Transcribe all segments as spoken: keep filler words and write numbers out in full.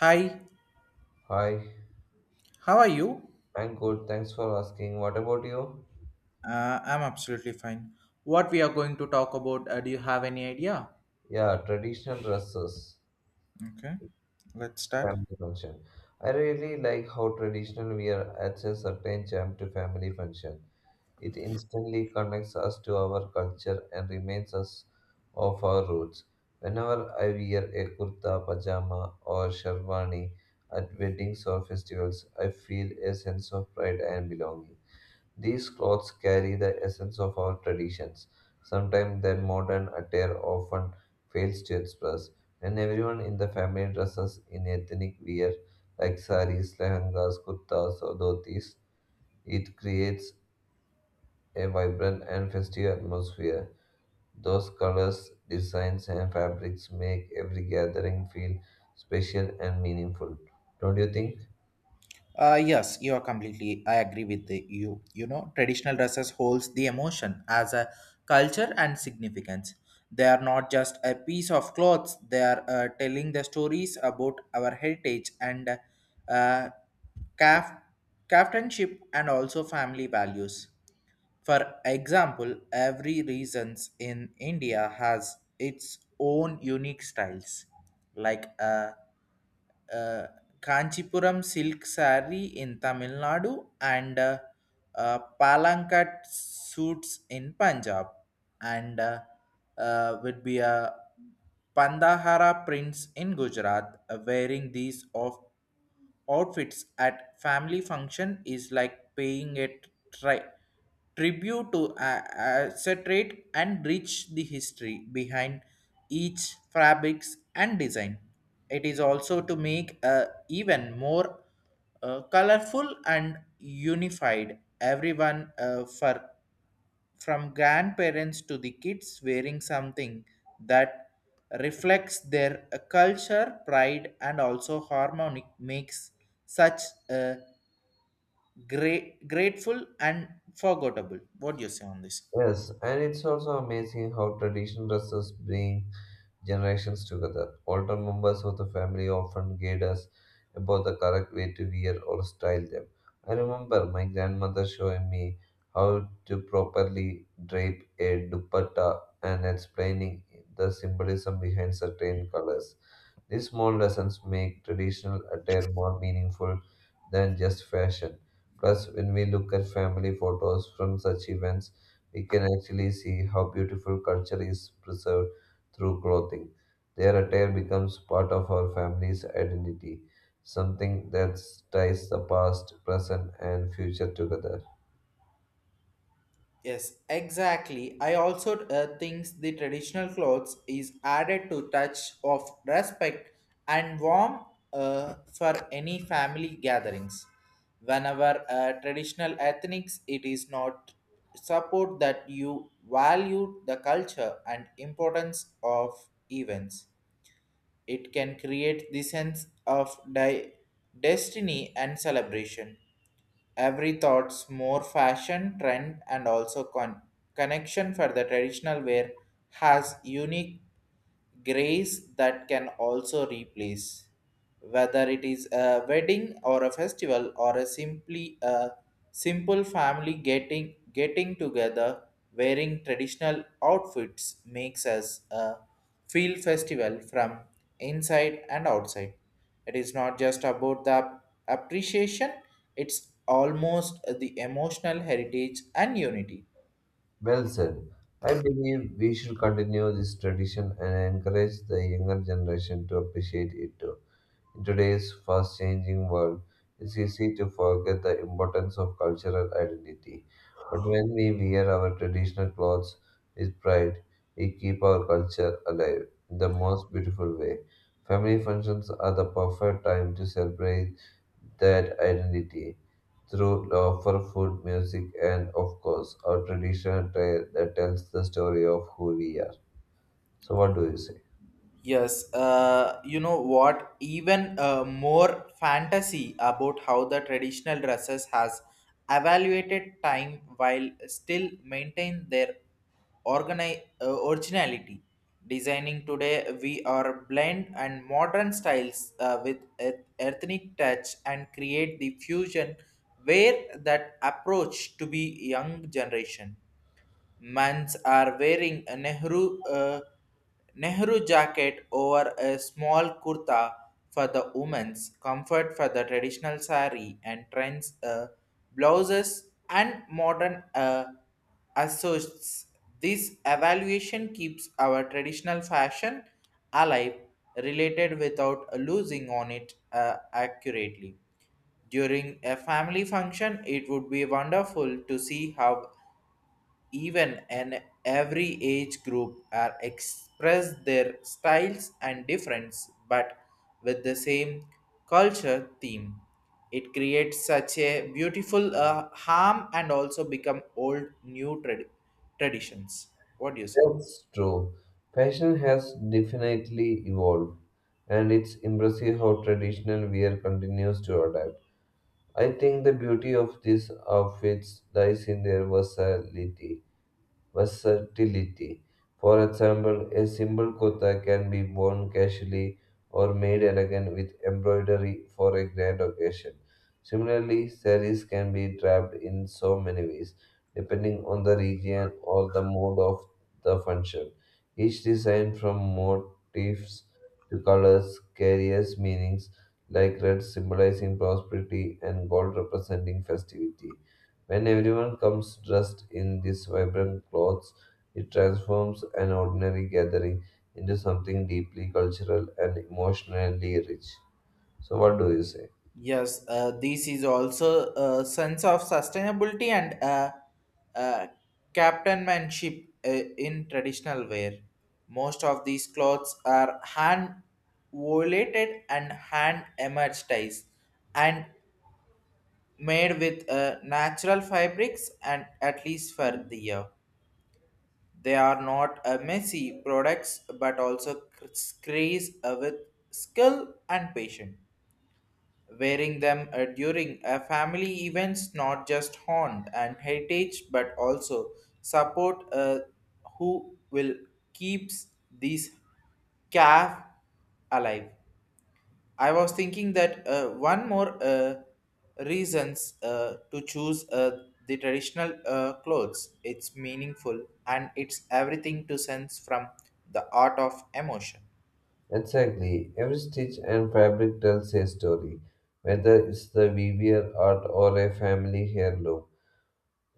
Hi, Hi, how are you? I'm good. Thanks for asking. What about you? Uh, I'm absolutely fine. What we are going to talk about, uh, do you have any idea? Yeah, traditional dresses, Okay, let's start. family function. I really like how traditional wear adds a certain charm to family function. It instantly connects us to our culture and reminds us of our roots. Whenever I wear a kurta, pajama, or sherwani at weddings or festivals, I feel a sense of pride and belonging. These clothes carry the essence of our traditions, sometimes that modern attire often fails to express. When everyone in the family dresses in ethnic wear like saris, lehengas, kurtas, or dhotis, it creates a vibrant and festive atmosphere. Those colors, designs, and fabrics make every gathering feel special and meaningful. Don't you think? Uh, yes, you are completely. I agree with the, you. You know, traditional dresses holds the emotion as a culture and significance. They are not just a piece of clothes. They are uh, telling the stories about our heritage and uh, caf- captainship and also family values. For example, every regions in India has its own unique styles, like a, a Kanchipuram silk saree in Tamil Nadu and uh, uh, Palankat suits in Punjab, and uh, uh, would be a Pandahara prints in Gujarat, uh, wearing these of outfits at family function is like paying a tri- tribute to a acetate and rich the history behind each fabrics and design. It is also to make a even more uh, colorful and unified everyone, uh, for from grandparents to the kids wearing something that reflects their uh, culture, pride, and also harmonic makes such a great, grateful and forgettable. What do you say on this? Yes, and it's also amazing how traditional dresses bring generations together. Older members of the family often guide us about the correct way to wear or style them. I remember my grandmother showing me how to properly drape a dupatta and explaining the symbolism behind certain colors. These small lessons make traditional attire more meaningful than just fashion. Plus, when we look at family photos from such events, we can actually see how beautiful culture is preserved through clothing. Their attire becomes part of our family's identity, something that ties the past, present, and future together. Yes, exactly. I also uh, think the traditional clothes is added to touch of respect and warmth, uh, for any family gatherings. Whenever uh, traditional ethnics, it is not support that you value the culture and importance of events. It can create the sense of di- destiny and celebration every thoughts more fashion trend and also con- connection for the traditional wear has unique grace that can also replace whether it is a wedding or a festival or a simply a simple family getting getting together wearing traditional outfits makes us a feel festival from inside and outside. It is not just about the appreciation, it's almost the emotional heritage and unity. Well said. I believe we should continue this tradition and encourage the younger generation to appreciate it too. In today's fast changing world, it's easy to forget the importance of cultural identity. But when we wear our traditional clothes with pride, we keep our culture alive in the most beautiful way. Family functions are the perfect time to celebrate that identity through offer food, music, and of course, our traditional tale that tells the story of who we are. So, what do you say? Yes, uh, you know what? Even uh, more fantasy about how the traditional dresses has evaluated time while still maintain their organi- uh, originality. Designing today, we are blend and modern styles uh, with eth- ethnic touch and create the fusion where that approach to be young generation. Mans are wearing a Nehru uh, Nehru jacket over a small kurta for the women's comfort for the traditional sari and trends, uh, blouses and modern uh, associates. This evaluation keeps our traditional fashion alive, related without losing on it uh, accurately. During a family function, it would be wonderful to see how even and every age group are express their styles and difference but with the same culture theme. It creates such a beautiful uh, harm and also become old new trad- traditions. What do you say? That's true. Fashion has definitely evolved, and it's impressive how traditional wear continues to adapt. I think the beauty of these outfits lies in their versatility versatility. For example, a simple kurta can be worn casually or made elegant with embroidery for a grand occasion. Similarly, saris can be draped in so many ways, depending on the region or the mode of the function. Each design, from motifs to colors, carries meanings like red symbolizing prosperity and gold representing festivity. When everyone comes dressed in these vibrant clothes, it transforms an ordinary gathering into something deeply cultural and emotionally rich. So, what do you say? Yes, uh, this is also a sense of sustainability and uh, uh, captainmanship uh, in traditional wear. Most of these clothes are hand volated and hand emerged and made with uh, natural fabrics and at least for the year. They are not uh, messy products but also cr- creates uh, with skill and patience wearing them uh, during a family events, not just haunt and heritage but also support uh, who will keeps these calf alive. I was thinking that uh, one more uh, reasons uh, to choose uh, the traditional uh, clothes it's meaningful and it's everything to sense from the art of emotion. Exactly. Every stitch and fabric tells a story, whether it's the weaver art or a family heirloom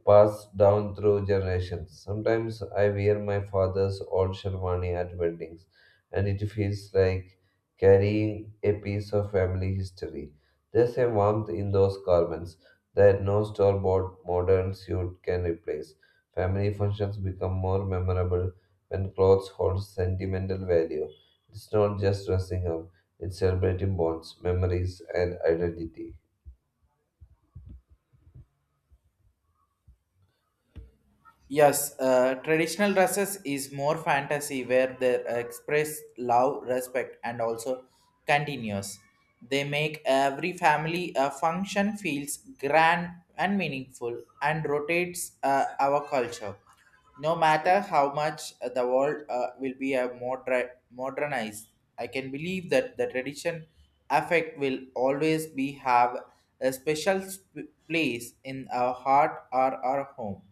passed down through generations. Sometimes I wear my father's old sherwani at weddings, and it feels like carrying a piece of family history. There's a warmth in those garments that no store bought modern suit can replace. Family functions become more memorable when clothes hold sentimental value. It's not just dressing up, it's celebrating bonds, memories, and identity. Yes, uh, traditional dresses is more fantasy where they express love, respect, and also continuous. They make every family uh, function feels grand and meaningful and rotates uh, our culture. No matter how much uh, the world uh, will be a moder- modernized, I can believe that the tradition affect will always be have a special sp- place in our heart or our home.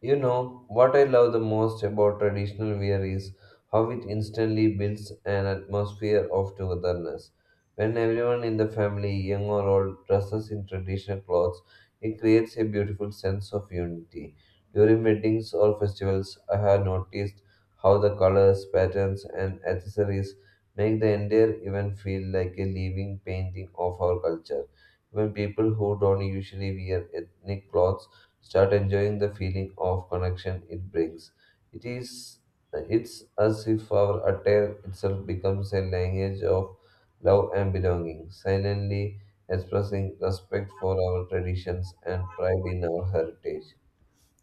You know, what I love the most about traditional wear is how it instantly builds an atmosphere of togetherness. When everyone in the family, young or old, dresses in traditional clothes, it creates a beautiful sense of unity. During weddings or festivals, I have noticed how the colors, patterns, and accessories make the entire event feel like a living painting of our culture. Even people who don't usually wear ethnic clothes start enjoying the feeling of connection it brings. It is it's as if our attire itself becomes a language of love and belonging, silently expressing respect for our traditions and pride in our heritage.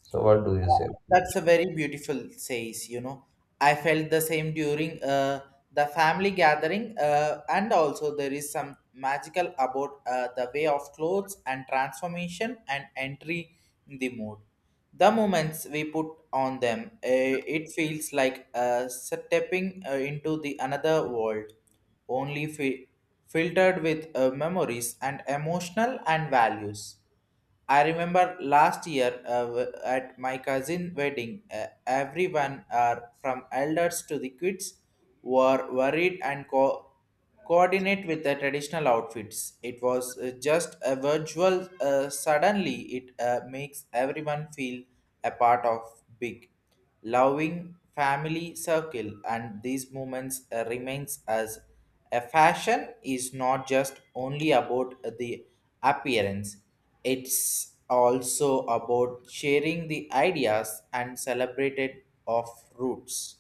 So what do you say? That's a very beautiful says, you know. I felt the same during uh, the family gathering, uh, and also there is some magical about uh, the way of clothes and transformation and entry in the mood. The moments we put on them, eh, it feels like uh, stepping uh, into the another world, only fi- filtered with uh, memories and emotional and values. I remember last year, uh, w- at my cousin wedding, uh, everyone, uh, from elders to the kids, were worried and co- coordinate with the traditional outfits. It was uh, just a virtual. Uh, suddenly, it uh, makes everyone feel a part of big, loving family circle, and these moments uh, remains as a fashion is not just only about the appearance. It's also about sharing the ideas and celebrated of roots.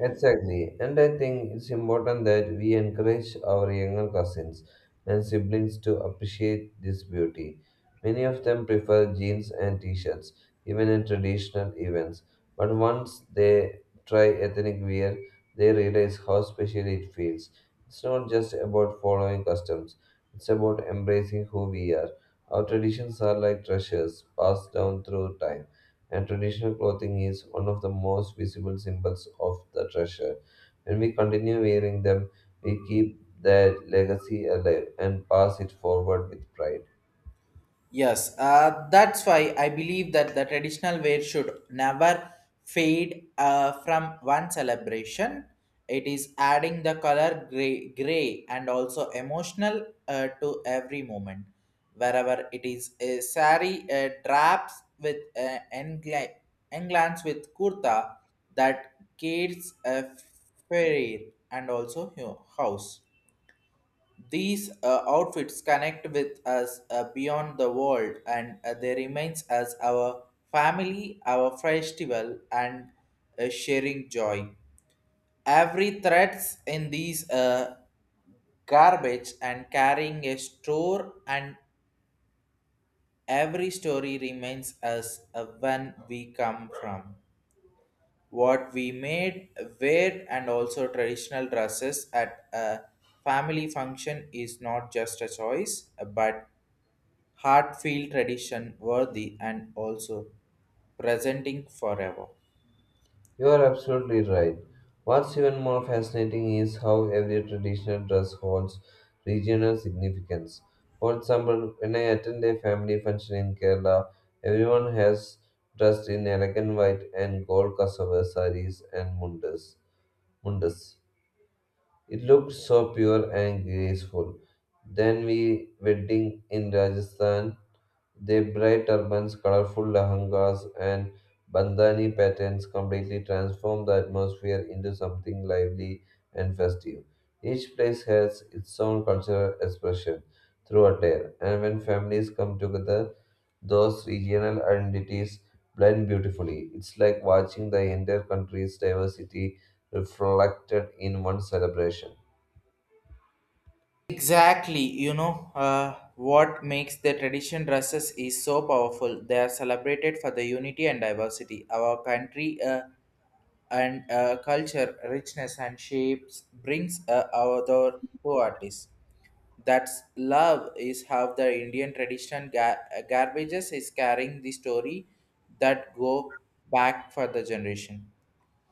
Exactly. And I think it's important that we encourage our younger cousins and siblings to appreciate this beauty. Many of them prefer jeans and t shirts, even in traditional events. But once they try ethnic wear, they realize how special it feels. It's not just about following customs, it's about embracing who we are. Our traditions are like treasures passed down through time and traditional clothing is one of the most visible symbols of the treasure. When we continue wearing them, we keep that legacy alive and pass it forward with pride. Yes, uh, that's why I believe that the traditional wear should never fade uh, from one celebration. It is adding the color gray, gray and also emotional uh, to every moment. Wherever it is a sari, uh, drapes with uh, engla- englans with kurta that kids a fair and also hu- house. These uh, outfits connect with us uh, beyond the world and uh, they remains as our family, our festival and uh, sharing joy. Every threads in these uh, garbage and carrying a store and every story remains as uh, when we come from. What we made, wear and also traditional dresses at a family function is not just a choice but heartfelt tradition worthy and also presenting forever. You are absolutely right. What's even more fascinating is how every traditional dress holds regional significance. For example, when I attend a family function in Kerala, everyone has dressed in elegant white and gold cassava saris and mundas. mundas. It looked so pure and graceful. Then we wedding in Rajasthan. Their bright turbans, colorful lehengas, and bandhani patterns completely transform the atmosphere into something lively and festive. Each place has its own cultural expression through attire, and when families come together, those regional identities blend beautifully. It's like watching the entire country's diversity reflected in one celebration. Exactly, you know, uh, what makes the tradition dresses is so powerful, they are celebrated for the unity and diversity our country, uh, and uh, culture richness and shapes brings uh, our door to artists. That's love is how the Indian tradition ga- uh, garbages is carrying the story that go back for the generation.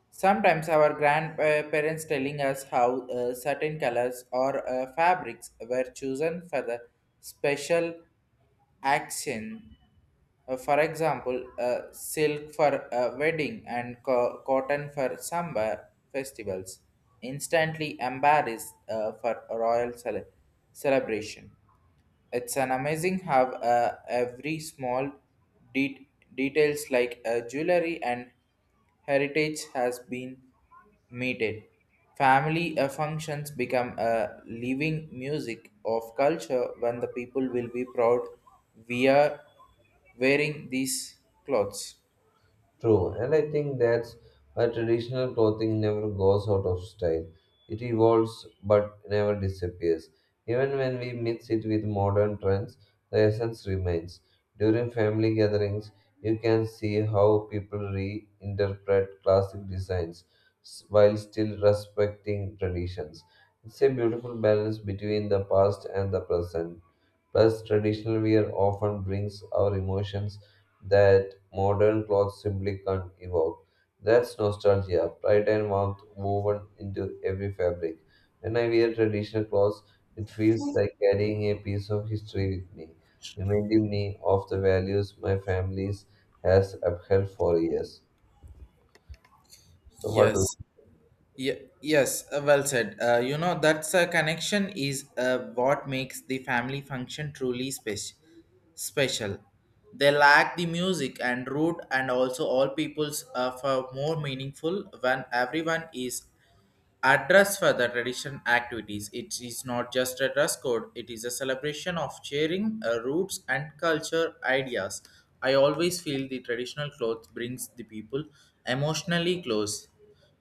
Sometimes our grandparents telling us how uh, certain colors or uh, fabrics were chosen for the special action. Uh, for example, uh, silk for a wedding and co- cotton for summer festivals. Instantly embarrassed uh, for a royal cele- celebration. It's an amazing how uh, every small det details like uh, jewelry and heritage has been meted. Family uh, functions become a living music of culture when the people will be proud we are wearing these clothes. True, and I think that's why traditional clothing never goes out of style. It evolves but never disappears. Even when we mix it with modern trends, the essence remains. During family gatherings, you can see how people reinterpret classic designs s- while still respecting traditions. It's a beautiful balance between the past and the present. Plus, traditional wear often brings our emotions that modern clothes simply can't evoke. That's nostalgia, pride and warmth woven into every fabric. When I wear traditional clothes, it feels like carrying a piece of history with me, reminding me of the values my family has upheld for years. So, what do Yes, Ye- yes, uh, well said. Uh, you know, that's a connection is uh, what makes the family function truly spec- special. They lack the music and root, and also all people's, uh, for more meaningful when everyone is address for the tradition activities. It is not just a dress code, it is a celebration of sharing uh, roots and culture ideas. I always feel the traditional clothes brings the people emotionally close.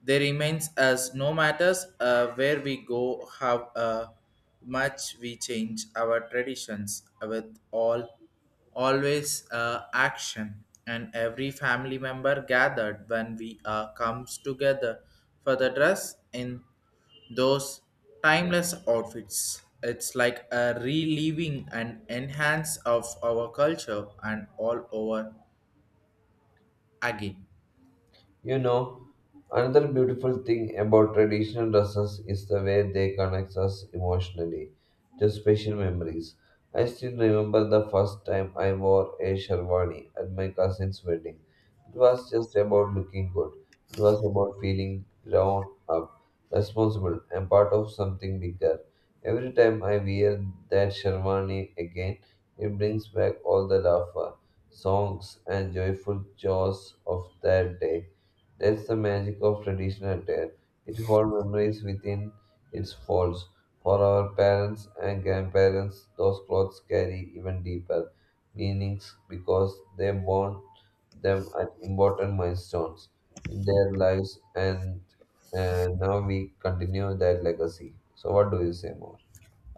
They remains as no matters uh, where we go, how uh, much we change our traditions with all always uh, action and every family member gathered when we uh, comes together for the dress in those timeless outfits. It's like a reliving and enhance of our culture and all over again. You know, another beautiful thing about traditional dresses is the way they connect us emotionally to special memories. I still remember the first time I wore a sherwani at my cousin's wedding. It was just about looking good. It was about feeling grown up, responsible, and part of something bigger. Every time I wear that sherwani again, it brings back all the laughter songs and joyful chores of that day. That's the magic of traditional attire. It holds memories within its folds. For our parents and grandparents, those clothes carry even deeper meanings because they worn them at important milestones in their lives, and, and now we continue that legacy. So, what do you say more?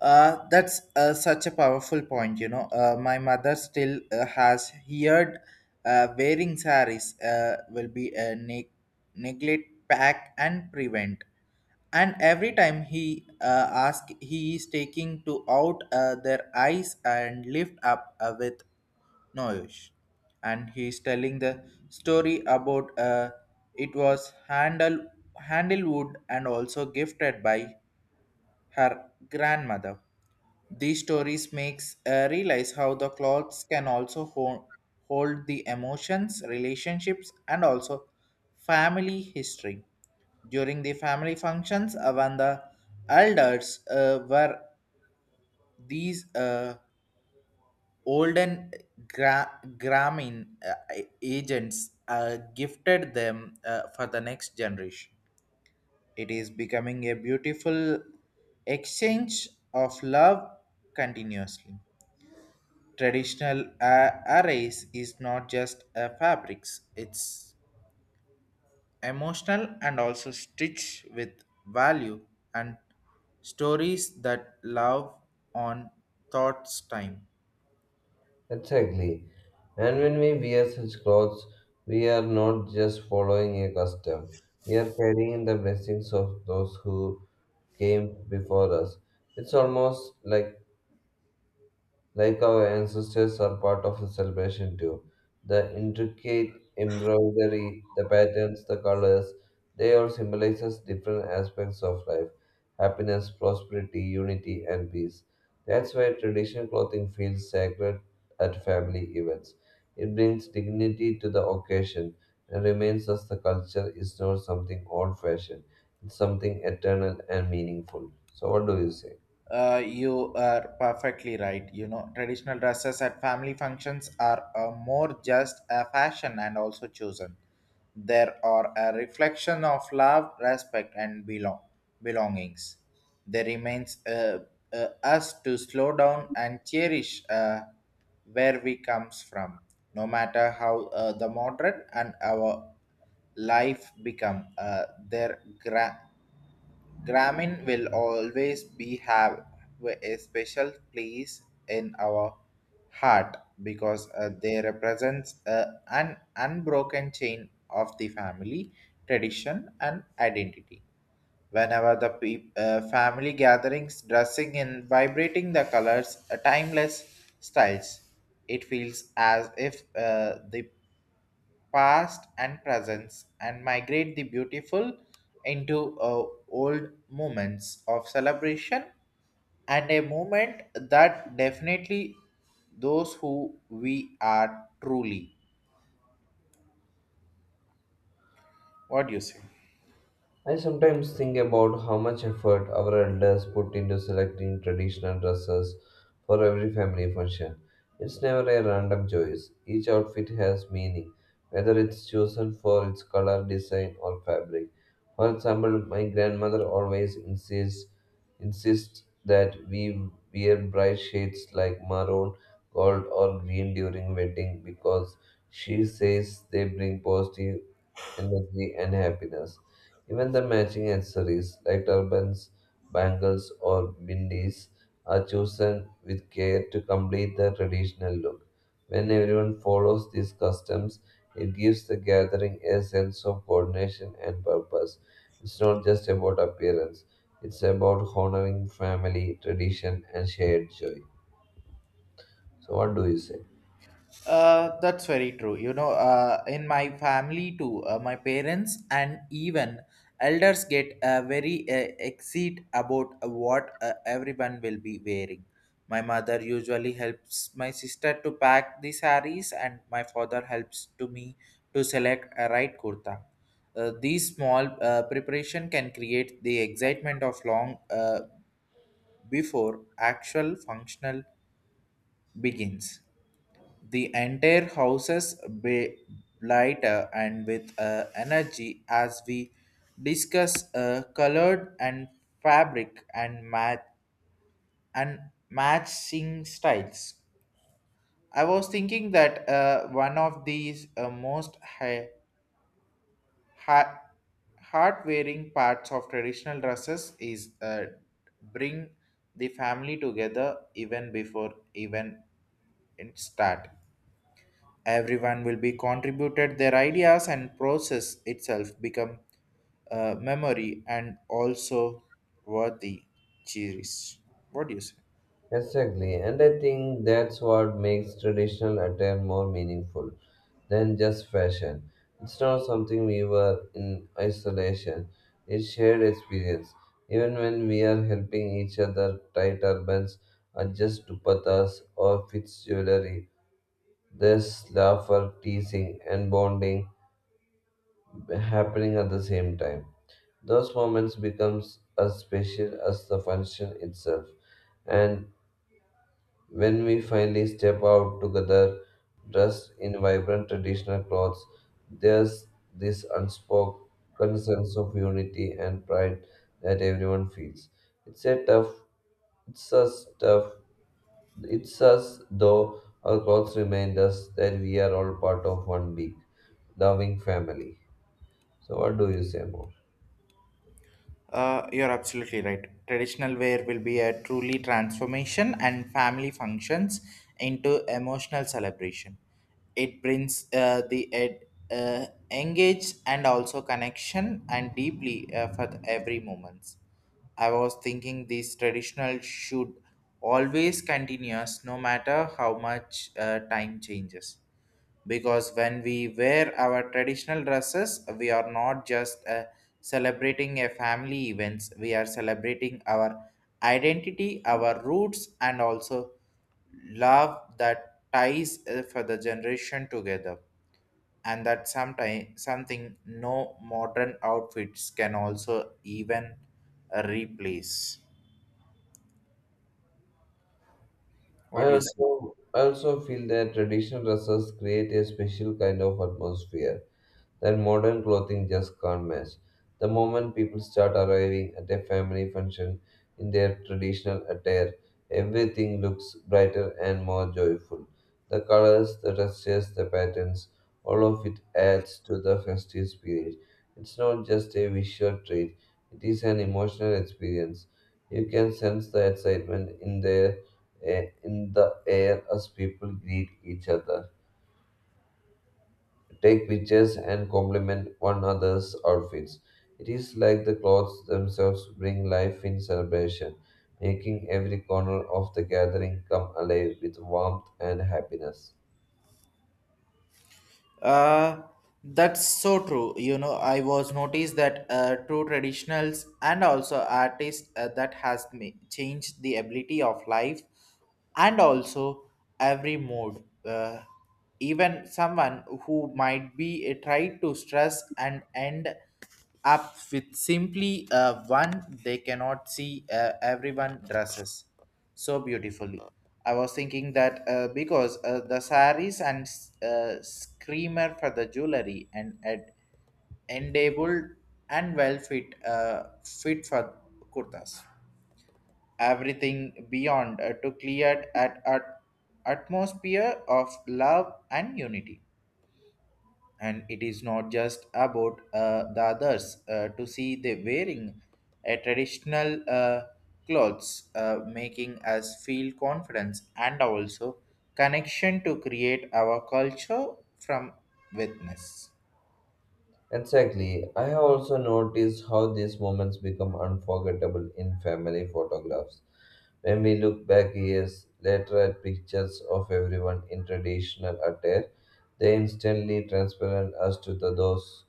Uh, that's uh, such a powerful point, you know. Uh, my mother still uh, has heard uh, wearing saris uh, will be a neg- neglect, pack, and prevent. And every time he uh, asks, he is taking to out uh, their eyes and lift up uh, with noise, and he is telling the story about uh, it was handle handlewood and also gifted by her grandmother. These stories makes uh, realize how the clothes can also ho- hold the emotions, relationships, and also family history. During the family functions, uh, when the elders uh, were these uh, olden gra- gramin uh, agents, uh, gifted them uh, for the next generation. It is becoming a beautiful exchange of love continuously. Traditional uh, arrays is not just a fabrics, it's emotional and also stitched with value and stories that love on thoughts time. Exactly. And when we wear such clothes, we are not just following a custom, we are carrying the blessings of those who came before us. It's almost like like our ancestors are part of the celebration too. The intricate embroidery, the patterns, the colors, they all symbolizes different aspects of life, happiness, prosperity, unity, and peace. That's why traditional clothing feels sacred at family events. It brings dignity to the occasion and reminds us the culture is not something old-fashioned. It's something eternal and meaningful. So what do you say? Uh, you are perfectly right. You know, traditional dresses at family functions are uh, more just a fashion and also chosen. They are a reflection of love, respect, and belong belongings. There remains uh, uh, us to slow down and cherish uh, where we comes from, no matter how uh, the modern and our life become. Uh, their gra- Grameen will always be have a special place in our heart because uh, they represents uh, an unbroken chain of the family tradition and identity. Whenever the peop uh, family gatherings dressing in vibrating the colors, uh, timeless styles, it feels as if uh, the past and presence and migrate the beautiful into uh, old moments of celebration and a moment that definitely those who we are truly. What do you say? I sometimes think about how much effort our elders put into selecting traditional dresses for every family function. It's never a random choice. Each outfit has meaning, whether it's chosen for its color, design, or fabric. For example, my grandmother always insists insists that we wear bright shades like maroon, gold, or green during wedding because she says they bring positive energy and happiness. Even the matching accessories like turbans, bangles, or bindis are chosen with care to complete the traditional look. When everyone follows these customs, it gives the gathering a sense of coordination and purpose. It's not just about appearance, it's about honoring family, tradition, and shared joy. So, what do you say? Uh, that's very true. You know, uh, in my family too, uh, my parents and even elders get uh, very uh, excited about what uh, everyone will be wearing. My mother usually helps my sister to pack the saris, and my father helps to me to select a right kurta. Uh, these small uh, preparation can create the excitement of long, uh, before actual functional begins. The entire houses be lighter and with uh, energy as we discuss uh, colored and fabric and mat and matching styles. I was thinking that uh, one of these uh, most high, high, heart-wearing parts of traditional dresses is uh, bring the family together even before even it start. Everyone will be contributed their ideas and process itself become uh, memory and also worthy cherished. What do you say? Exactly, and I think that's what makes traditional attire more meaningful than just fashion. It's not something we wear in isolation, it's shared experience. Even when we are helping each other tie turbans, adjust dupattas, or fix jewelry, there's laughter, teasing, and bonding happening at the same time. Those moments becomes as special as the function itself and when we finally step out together, dressed in vibrant traditional clothes, there's this unspoken sense of unity and pride that everyone feels. It's a tough, it's us tough, it's us though our clothes remind us that we are all part of one big, loving family. So, what do you say more? Uh, you're absolutely right. Traditional wear will be a truly transformation and family functions into emotional celebration. It brings uh, the ed, uh, engage and also connection and deeply uh, for the every moments. I was thinking these traditional should always continuous no matter how much uh, time changes, because when we wear our traditional dresses we are not just uh, celebrating a family events, we are celebrating our identity, our roots, and also love that ties uh, for the generation together, and that sometimes something no modern outfits can also even uh, replace. What I do you say? also I also feel that traditional dresses create a special kind of atmosphere that modern clothing just can't match. The moment people start arriving at a family function in their traditional attire, everything looks brighter and more joyful. The colors, the textures, the patterns, all of it adds to the festive spirit. It's not just a visual treat, it is an emotional experience. You can sense the excitement in their eh, in the air as people greet each other take pictures and compliment one another's outfits. It is like the clothes themselves bring life in celebration, making every corner of the gathering come alive with warmth and happiness. Uh, that's so true. You know, I was noticed that uh, true traditionals and also artists uh, that has ma- changed the ability of life and also every mood. Uh, even someone who might be uh, tried to stress and end up with simply uh, one, they cannot see uh, everyone dresses so beautifully. I was thinking that uh, because uh, the saris and uh, screamer for the jewelry and at enabled and well fit uh, fit for kurtas, everything beyond uh, to clear at at atmosphere of love and unity, and it is not just about uh, the others uh, to see the wearing a traditional uh, clothes uh, making us feel confidence and also connection to create our culture from witness. Exactly. I have also noticed how these moments become unforgettable in family photographs. When we look back years later at pictures of everyone in traditional attire, they instantly transport us to the, those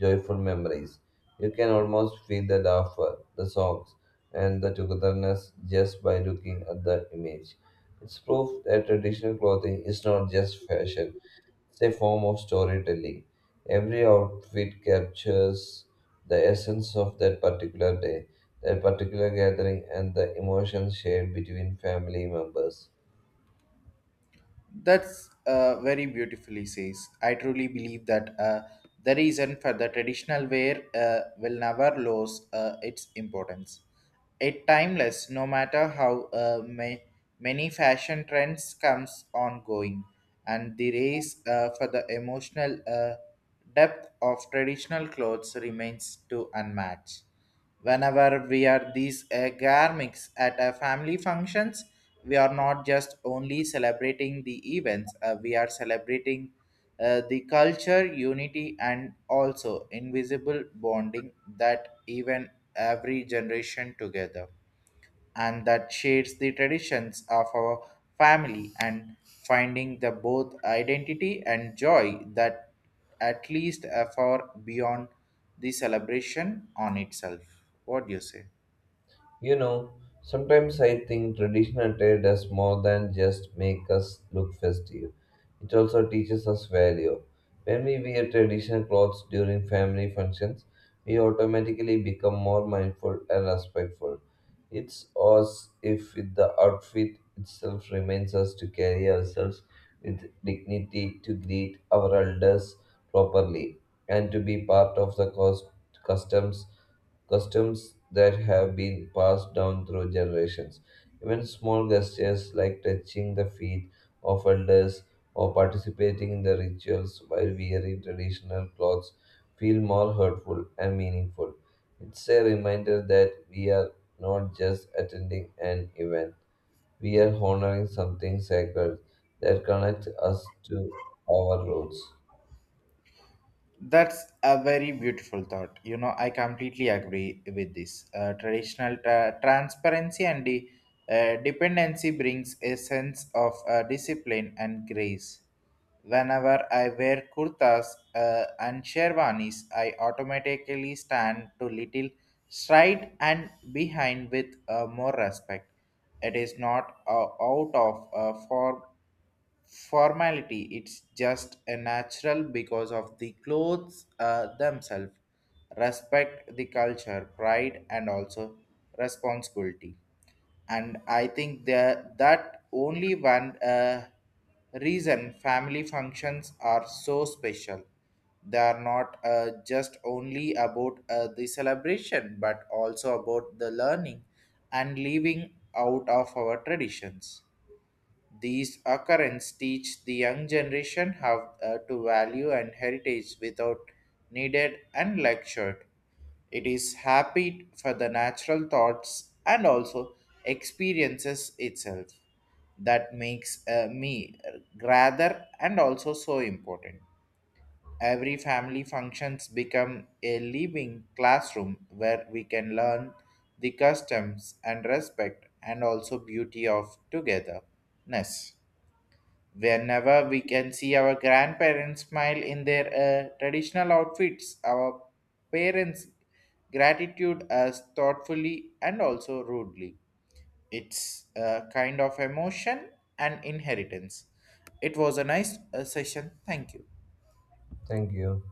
joyful memories. You can almost feel the laughter, the songs, and the togetherness just by looking at the image. It's proof that traditional clothing is not just fashion, it's a form of storytelling. Every outfit captures the essence of that particular day, that particular gathering, and the emotions shared between family members. That's uh, very beautifully says. I truly believe that uh, the reason for the traditional wear uh, will never lose uh, its importance. It timeless, no matter how uh, may, many fashion trends comes ongoing, and the race uh, for the emotional uh, depth of traditional clothes remains to unmatched. Whenever we are these uh, garments at a family functions, we are not just only celebrating the events; uh, we are celebrating uh, the culture, unity, and also invisible bonding that even every generation together, and that shades the traditions of our family and finding the both identity and joy that at least a far beyond the celebration on itself. What do you say? You know, sometimes I think traditional attire does more than just make us look festive. It also teaches us value. When we wear traditional clothes during family functions, we automatically become more mindful and respectful. It's as if the outfit itself reminds us to carry ourselves with dignity, to greet our elders properly, and to be part of the cos- customs customs that have been passed down through generations. Even small gestures like touching the feet of elders or participating in the rituals while wearing traditional clothes feel more hurtful and meaningful. It's a reminder that we are not just attending an event, we are honoring something sacred that connects us to our roots. That's a very beautiful thought. You know, I completely agree with this. Uh, traditional tra- transparency and the uh, dependency brings a sense of uh, discipline and grace. Whenever I wear kurtas uh, and sherwanis, I automatically stand to little stride and behind with uh, more respect. It is not uh, out of uh, form formality, it's just a natural because of the clothes uh, themselves respect the culture pride and also responsibility, and I think that that only one uh, reason family functions are so special. They are not uh, just only about uh, the celebration but also about the learning and living out of our traditions. These occurrences teach the young generation how uh, to value and heritage without needed and lectured. It is happy for the natural thoughts and also experiences itself that makes uh, me rather and also so important. Every family functions become a living classroom where we can learn the customs and respect and also beauty of togetherness. Whenever we can see our grandparents smile in their uh, traditional outfits, our parents gratitude us thoughtfully and also rudely. It's a kind of emotion and inheritance. It was a nice uh, session. Thank you. Thank you.